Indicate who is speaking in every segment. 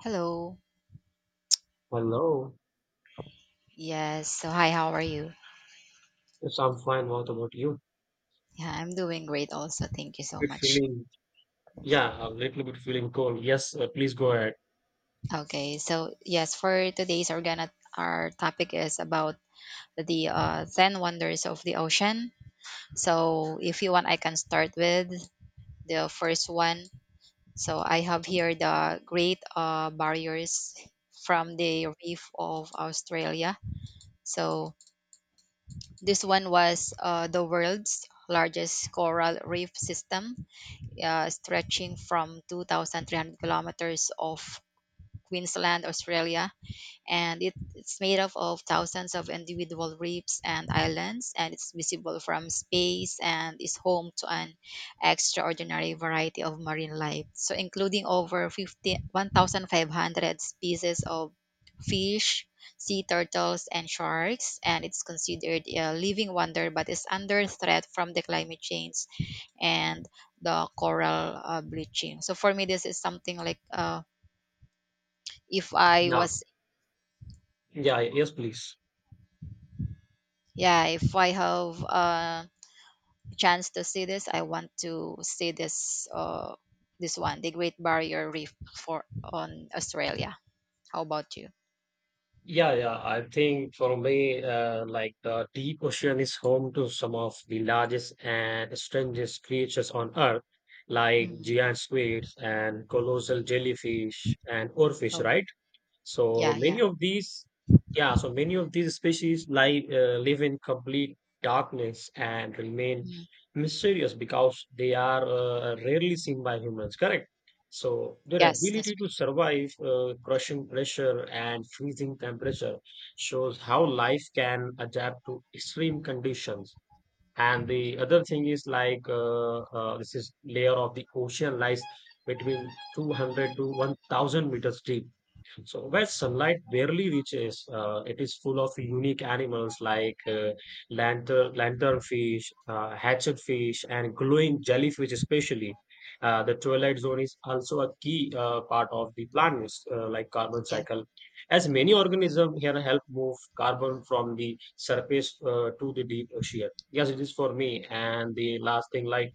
Speaker 1: Hello.
Speaker 2: Hello.
Speaker 1: Yes. So, hi, how are you?
Speaker 2: Yes, I'm fine. What about you? Little
Speaker 1: Yeah, I'm doing great also. Thank you so
Speaker 2: bit
Speaker 1: much.
Speaker 2: feeling, yeah, a little bit feeling cold. Yes, please go ahead.
Speaker 1: Okay. So, yes, for today's our topic is about the 10 wonders of the ocean. So, if you want, I can start with the first one. So, I have here the Great Barriers from the reef of Australia. So, this one was the world's largest coral reef system, stretching from 2,300 kilometers of Queensland, Australia, and it's made up of thousands of individual reefs and islands, and it's visible from space and is home to an extraordinary variety of marine life, so including over 50, 1,500 species of fish, sea turtles, and sharks. And it's considered a living wonder but is under threat from the climate change and the coral bleaching. So for me, this is something like if I
Speaker 2: Yeah.
Speaker 1: was.
Speaker 2: Yeah. Yes, please.
Speaker 1: Yeah, if I have a chance to see this, I want to see this one, the Great Barrier Reef for on Australia. How about you?
Speaker 2: Yeah, yeah. I think for me, like the deep ocean is home to some of the largest and strangest creatures on Earth, like
Speaker 1: Hmm.
Speaker 2: giant squids and colossal jellyfish and oarfish,
Speaker 1: Oh,
Speaker 2: right? So
Speaker 1: yeah,
Speaker 2: many
Speaker 1: yeah.
Speaker 2: of these, yeah, so many of these species live in complete darkness and remain
Speaker 1: Mhm.
Speaker 2: mysterious because they are rarely seen by humans, correct? So their
Speaker 1: Yes, that's
Speaker 2: ability to
Speaker 1: right.
Speaker 2: survive crushing pressure and freezing temperature shows how life can adapt to extreme conditions. And the other thing is like this is layer of the ocean lies between 200 to 1,000 meters deep. So where sunlight barely reaches, it is full of unique animals like lanternfish, hatchetfish, and glowing jellyfish. Especially, the twilight zone is also a key part of the planet's like carbon
Speaker 1: Yeah,
Speaker 2: cycle, as many organisms here help move carbon from the surface to the deep ocean. Yes, it is for me. And the last thing, like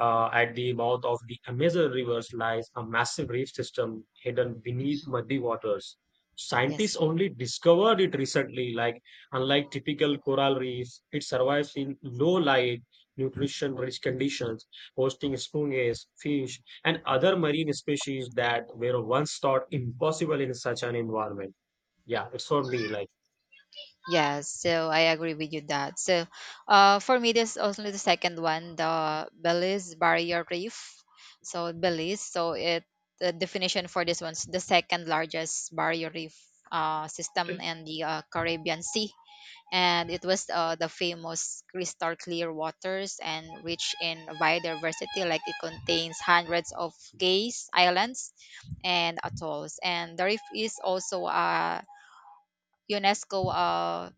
Speaker 2: at the mouth of the Amazon rivers lies a massive reef system hidden beneath muddy waters. Scientists
Speaker 1: yes.
Speaker 2: only discovered it recently. Like unlike typical coral reefs, it survives in low light, nutrition-rich conditions, hosting sponges, fish, and other marine species that were once thought impossible in such an environment. Yeah, it's for me. Like,
Speaker 1: Yeah, so I agree with you that. So, for me, this also the second one, the Belize Barrier Reef. So Belize, so it, the definition for this one's the second largest barrier reef system in the Caribbean Sea. And it was the famous crystal clear waters and rich in biodiversity, like it contains hundreds of cays, islands, and atolls. And the reef is also unesco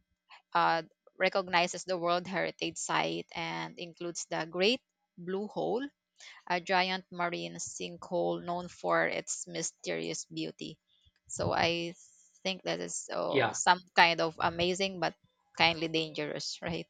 Speaker 1: uh, recognizes the world heritage site and includes the great blue hole, a giant marine sinkhole known for its mysterious beauty. So I think that is, oh,
Speaker 2: yeah.
Speaker 1: some kind of amazing but kindly dangerous, right?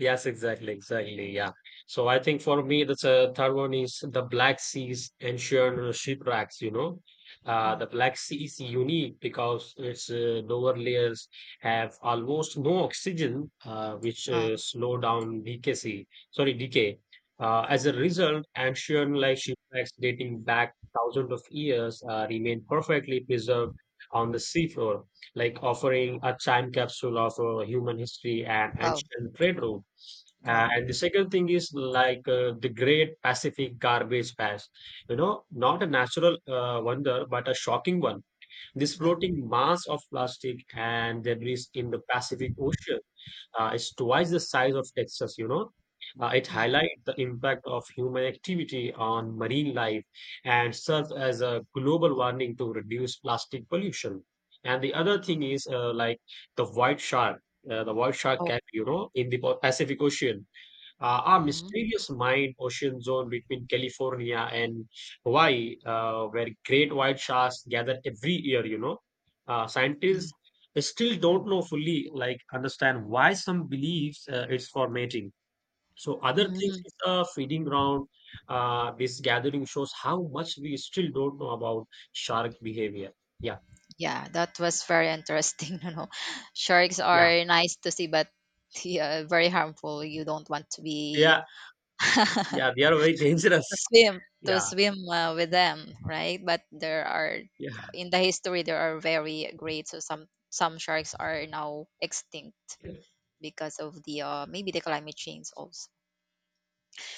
Speaker 2: Yes, exactly, exactly. Yeah. So I think for me, that's a third one is the Black Sea's ancient shipwrecks. You know, the
Speaker 1: Mm.
Speaker 2: Black Sea is unique because its lower layers have almost no oxygen, uh, which
Speaker 1: Uh,
Speaker 2: uh, slow down decay. Sorry, decay. As a result, ancient like shipwrecks dating back thousands of years remain perfectly preserved on the seafloor, like offering a time capsule of human history and
Speaker 1: wow.
Speaker 2: ancient trade route. And the second thing is like the Great Pacific Garbage Patch. You know, not a natural wonder, but a shocking one. This
Speaker 1: Yeah.
Speaker 2: floating mass of plastic and debris in the Pacific Ocean is twice the size of Texas, you know. It
Speaker 1: Mm.
Speaker 2: highlights the impact of human activity on marine life and serves as a global warning to reduce plastic pollution. And the other thing is like the white shark,
Speaker 1: Oh.
Speaker 2: in the Pacific Ocean a
Speaker 1: Hmm.
Speaker 2: mysterious mine ocean zone between California and Hawaii, where great white sharks gather every year,
Speaker 1: Yeah.
Speaker 2: Scientists still don't know fully, like, understand why some believes it's for mating. So other things
Speaker 1: Mhm.
Speaker 2: is a feeding ground. This gathering shows how much we still don't know about shark behavior. Yeah,
Speaker 1: Yeah, that was very interesting. You know, sharks
Speaker 2: yeah,
Speaker 1: are nice to see, but yeah, very harmful. You don't want to be,
Speaker 2: yeah, yeah. They are very
Speaker 1: to
Speaker 2: dangerous.
Speaker 1: swim to
Speaker 2: Yeah,
Speaker 1: swim with them, right? But there are
Speaker 2: yeah,
Speaker 1: in the history, there are very great. So some sharks are now extinct because of the maybe the climate change also.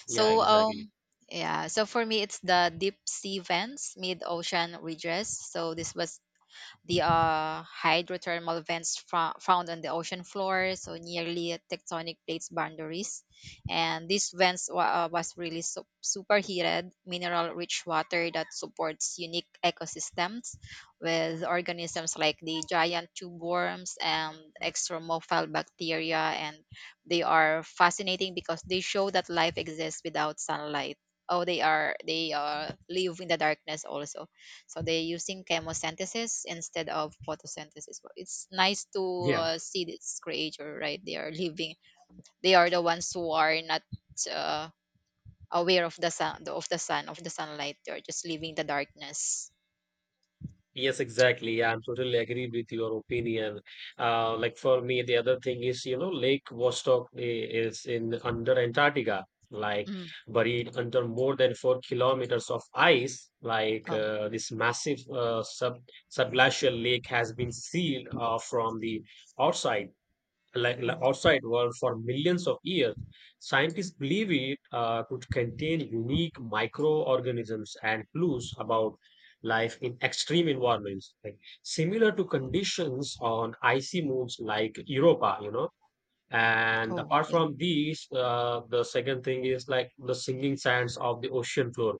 Speaker 2: yeah.
Speaker 1: So,
Speaker 2: Exactly.
Speaker 1: yeah, so for me it's the deep sea vents, mid ocean ridges. So this was the hydrothermal vents found on the ocean floor, so nearly tectonic plates boundaries. And these vents was really superheated, mineral-rich water that supports unique ecosystems with organisms like the giant tube worms and extremophile bacteria. And they are fascinating because they show that life exists without sunlight. Oh, they live in the darkness also, so they're using chemosynthesis instead of photosynthesis. But it's nice to
Speaker 2: Yeah.
Speaker 1: see this creature, right? They are living. They are the ones who are not uh, aware of the sunlight. They are just living the darkness.
Speaker 2: Yes, exactly. Yeah, I'm totally agree with your opinion. Like for me, the other thing is, you know, Lake Vostok is in under Antarctica, like
Speaker 1: Mm.
Speaker 2: buried under more than 4 kilometers of ice. Like
Speaker 1: Oh,
Speaker 2: this massive subglacial lake has been sealed from the outside like
Speaker 1: mm.
Speaker 2: outside world for millions of years. Scientists believe it could contain unique microorganisms and clues about life in extreme environments, like similar to conditions on icy moons like Europa, you know. And
Speaker 1: Oh,
Speaker 2: apart
Speaker 1: yeah.
Speaker 2: from these, the second thing is like the singing sands of the ocean floor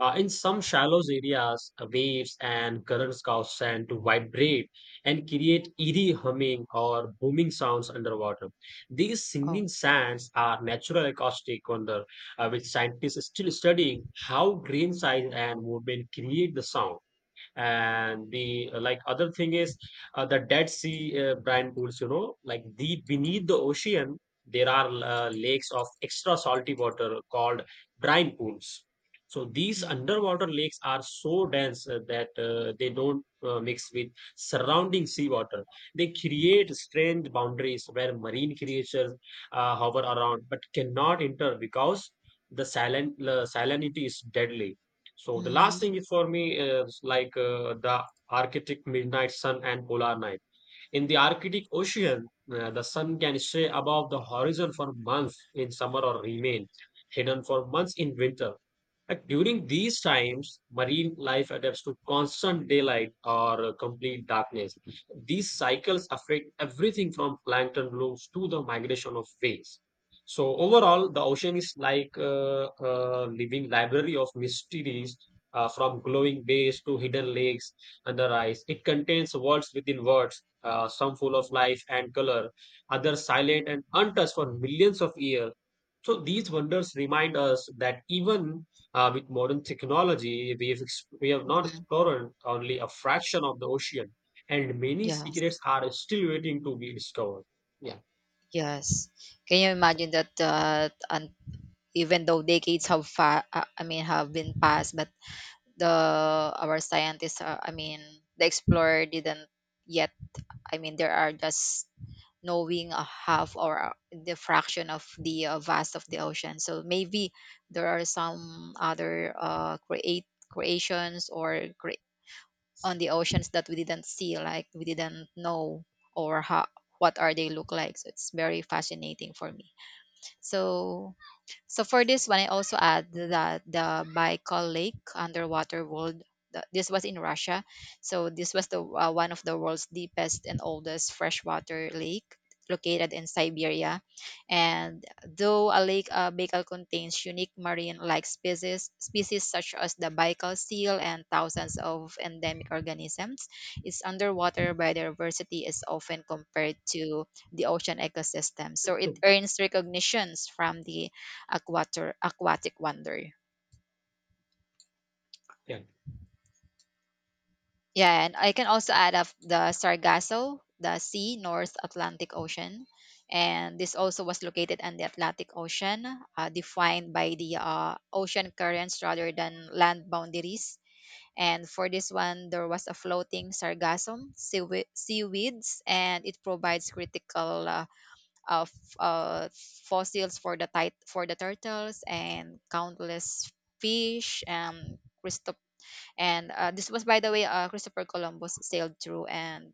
Speaker 2: in some shallow areas, waves and currents cause sand to vibrate and create eerie humming or booming sounds underwater. These
Speaker 1: Oh,
Speaker 2: singing sands are natural acoustic wonder, which scientists are still studying how grain size and movement create the sound. And the like other thing is the dead sea brine pools, you know, like deep beneath the ocean there are lakes of extra salty water called brine pools. So these
Speaker 1: mm.
Speaker 2: underwater lakes are so dense that they don't mix with surrounding seawater. They create strange boundaries where marine creatures hover around but cannot enter because the salinity is deadly. So the
Speaker 1: Mm.
Speaker 2: last thing is for me is like the Arctic midnight sun and polar night. In the Arctic Ocean, the sun can stay above the horizon for months in summer or remain hidden for months in winter. Like during these times, marine life adapts to constant daylight or complete darkness. These cycles affect everything from plankton blooms to the migration of whales. So overall, the ocean is like a living library of mysteries, from glowing bays to hidden lakes under ice. It contains worlds within worlds, some full of life and color, others silent and untouched for millions of years. So these wonders remind us that even with modern technology, we have not
Speaker 1: Mhm.
Speaker 2: explored only a fraction of the ocean, and many secrets
Speaker 1: Yes,
Speaker 2: are still waiting to be discovered. Yeah,
Speaker 1: yes. Can you imagine that? And even though decades have, I mean, have been passed, but the our scientists are, I mean, the explorer didn't yet, I mean, there are just knowing a half or the fraction of the vast of the ocean. So maybe there are some other create creations or on the oceans that we didn't see, like we didn't know, or how, what are they look like. So it's very fascinating for me, so, so for this one, I also add that the Baikal Lake underwater world. This was in Russia, so this was the one of the world's deepest and oldest freshwater lake located in Siberia. And though a lake Baikal contains unique marine-like species such as the Baikal seal and thousands of endemic organisms, its underwater biodiversity is often compared to the ocean ecosystem. So it earns recognitions from the aquatic wonder.
Speaker 2: yeah.
Speaker 1: Yeah, and I can also add up the Sargasso, the sea, North Atlantic Ocean. And this also was located in the Atlantic Ocean, defined by the ocean currents rather than land boundaries. And for this one, there was a floating sargassum, seaweeds, and it provides critical of uh, fossils for the for the turtles and countless fish. And this was, by the way, Christopher Columbus sailed through, and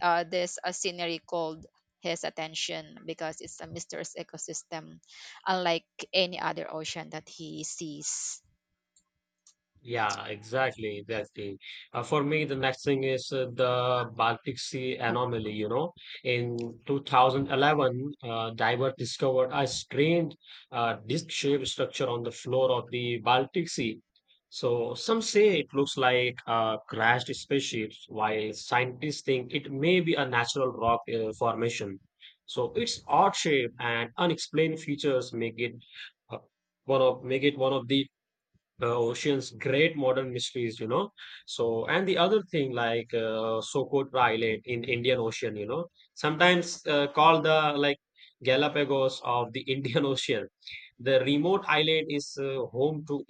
Speaker 1: this scenery called his attention because it's a mysterious ecosystem unlike any other ocean that he sees.
Speaker 2: Yeah, exactly, exactly. For me, the next thing is the Baltic Sea
Speaker 1: Oh,
Speaker 2: anomaly. You know, in 2011, divers discovered a strange disc-shaped structure on the floor of the Baltic Sea. So some say it looks like a crashed spaceship, while scientists think it may be a natural rock formation. So its odd shape and unexplained features uh, make it one of the ocean's great modern mysteries, you know. So and the other thing like Socotra Island in Indian Ocean, you know, sometimes called the like Galapagos of the Indian Ocean. The remote island is home to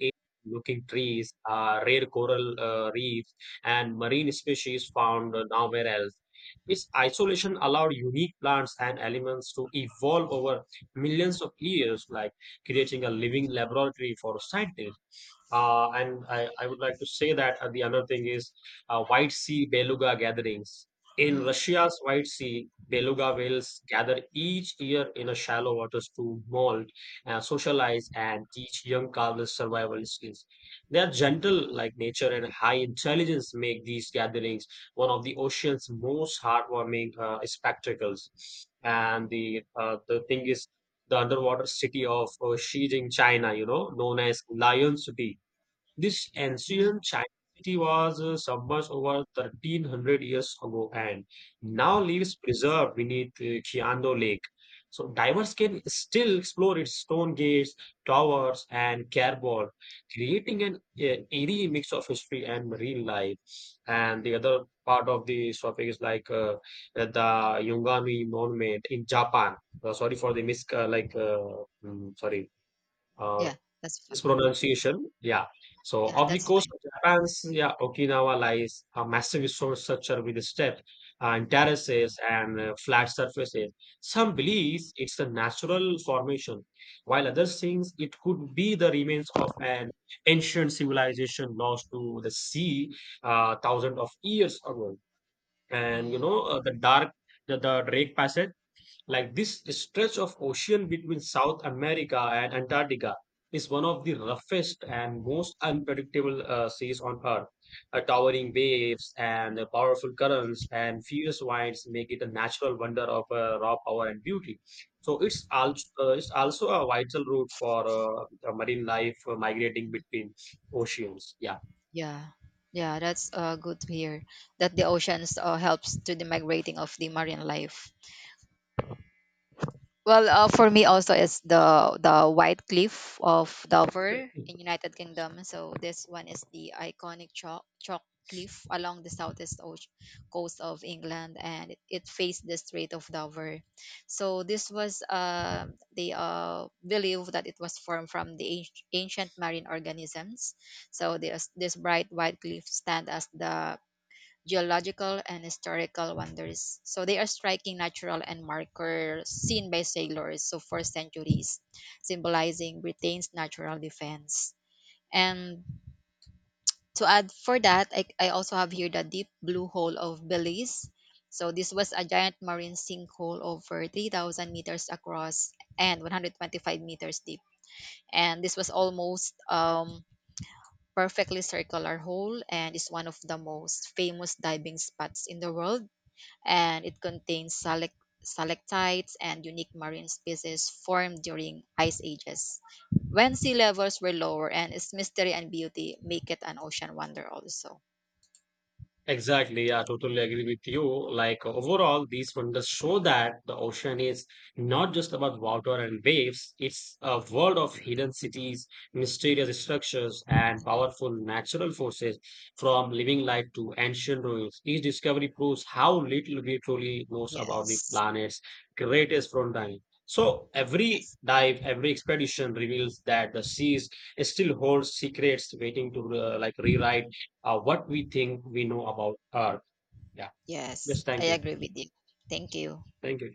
Speaker 2: looking trees, rare coral reefs and marine species found nowhere else. Its isolation allowed unique plants and elements to evolve over millions of years, like creating a living laboratory for scientists. And I would like to say that the another thing is White Sea beluga gatherings. In
Speaker 1: mm,
Speaker 2: Russia's White Sea, beluga whales gather each year in a shallow waters to mold, socialize, and teach young calves survival skills. Their gentle like nature and high intelligence make these gatherings one of the ocean's most heartwarming spectacles. And the thing is the underwater city of Xijing, China, you know, known as Lion City. This
Speaker 1: mm.
Speaker 2: ancient Chinese city was submerged over 1300 years ago and now lives preserved beneath Qiando Lake. So divers can still explore its stone gates, towers, and cardboard, creating an eerie mix of history and marine life. And the other part of this topic is like the Yungami Monument in Japan. Sorry for the mis like mm, sorry. Uh,
Speaker 1: Yeah, that's fine.
Speaker 2: Mispronunciation. Yeah. So
Speaker 1: Yeah,
Speaker 2: off the
Speaker 1: that's
Speaker 2: coast of Japan's, yeah, Okinawa lies a massive resource structure with steps and terraces and flat surfaces. Some believe it's a natural formation, while others think it could be the remains of an ancient civilization lost to the sea thousands of years ago.
Speaker 1: fine.
Speaker 2: And you
Speaker 1: Mm,
Speaker 2: know the Drake Passage. Like this stretch of ocean between South America and Antarctica is one of the roughest and most unpredictable seas on Earth. Towering waves and powerful currents and fierce winds make it a natural wonder of raw power and beauty. So it's also a vital route for marine life migrating between oceans. Yeah.
Speaker 1: yeah. Yeah, that's good to hear that the oceans helps to the migrating of the marine life. Well, for me also is the White Cliff of Dover in United Kingdom. So this one is the iconic chalk cliff along the southeast coast of England, and it faced the Strait of Dover. So this was, they believe that it was formed from the ancient marine organisms. So this bright white cliff stand as the geological and historical wonders. So they are striking natural and markers seen by sailors so for centuries, symbolizing Britain's natural defense. And to add for that, I also have here the deep blue hole of Belize. So this was a giant marine sinkhole over 3,000 meters across and 125 meters deep. And this was almost perfectly circular hole and is one of the most famous diving spots in the world, and it contains stalactites and unique marine species formed during ice ages when sea levels were lower. And its mystery and beauty make it an ocean wonder also.
Speaker 2: Exactly, I totally agree with you. Like overall, these wonders show that the ocean is not just about water and waves, it's a world of hidden cities, mysterious structures, and powerful natural forces from living life to ancient ruins. Each discovery proves how little we truly know about the
Speaker 1: Yes.
Speaker 2: planet's greatest frontier. So every
Speaker 1: Yes.
Speaker 2: dive, every expedition reveals that the seas still holds secrets waiting to like rewrite what we think we know about Earth. Yeah.
Speaker 1: Yes,
Speaker 2: Yes.
Speaker 1: I
Speaker 2: Thank you.
Speaker 1: agree with you. Thank you.
Speaker 2: Thank you.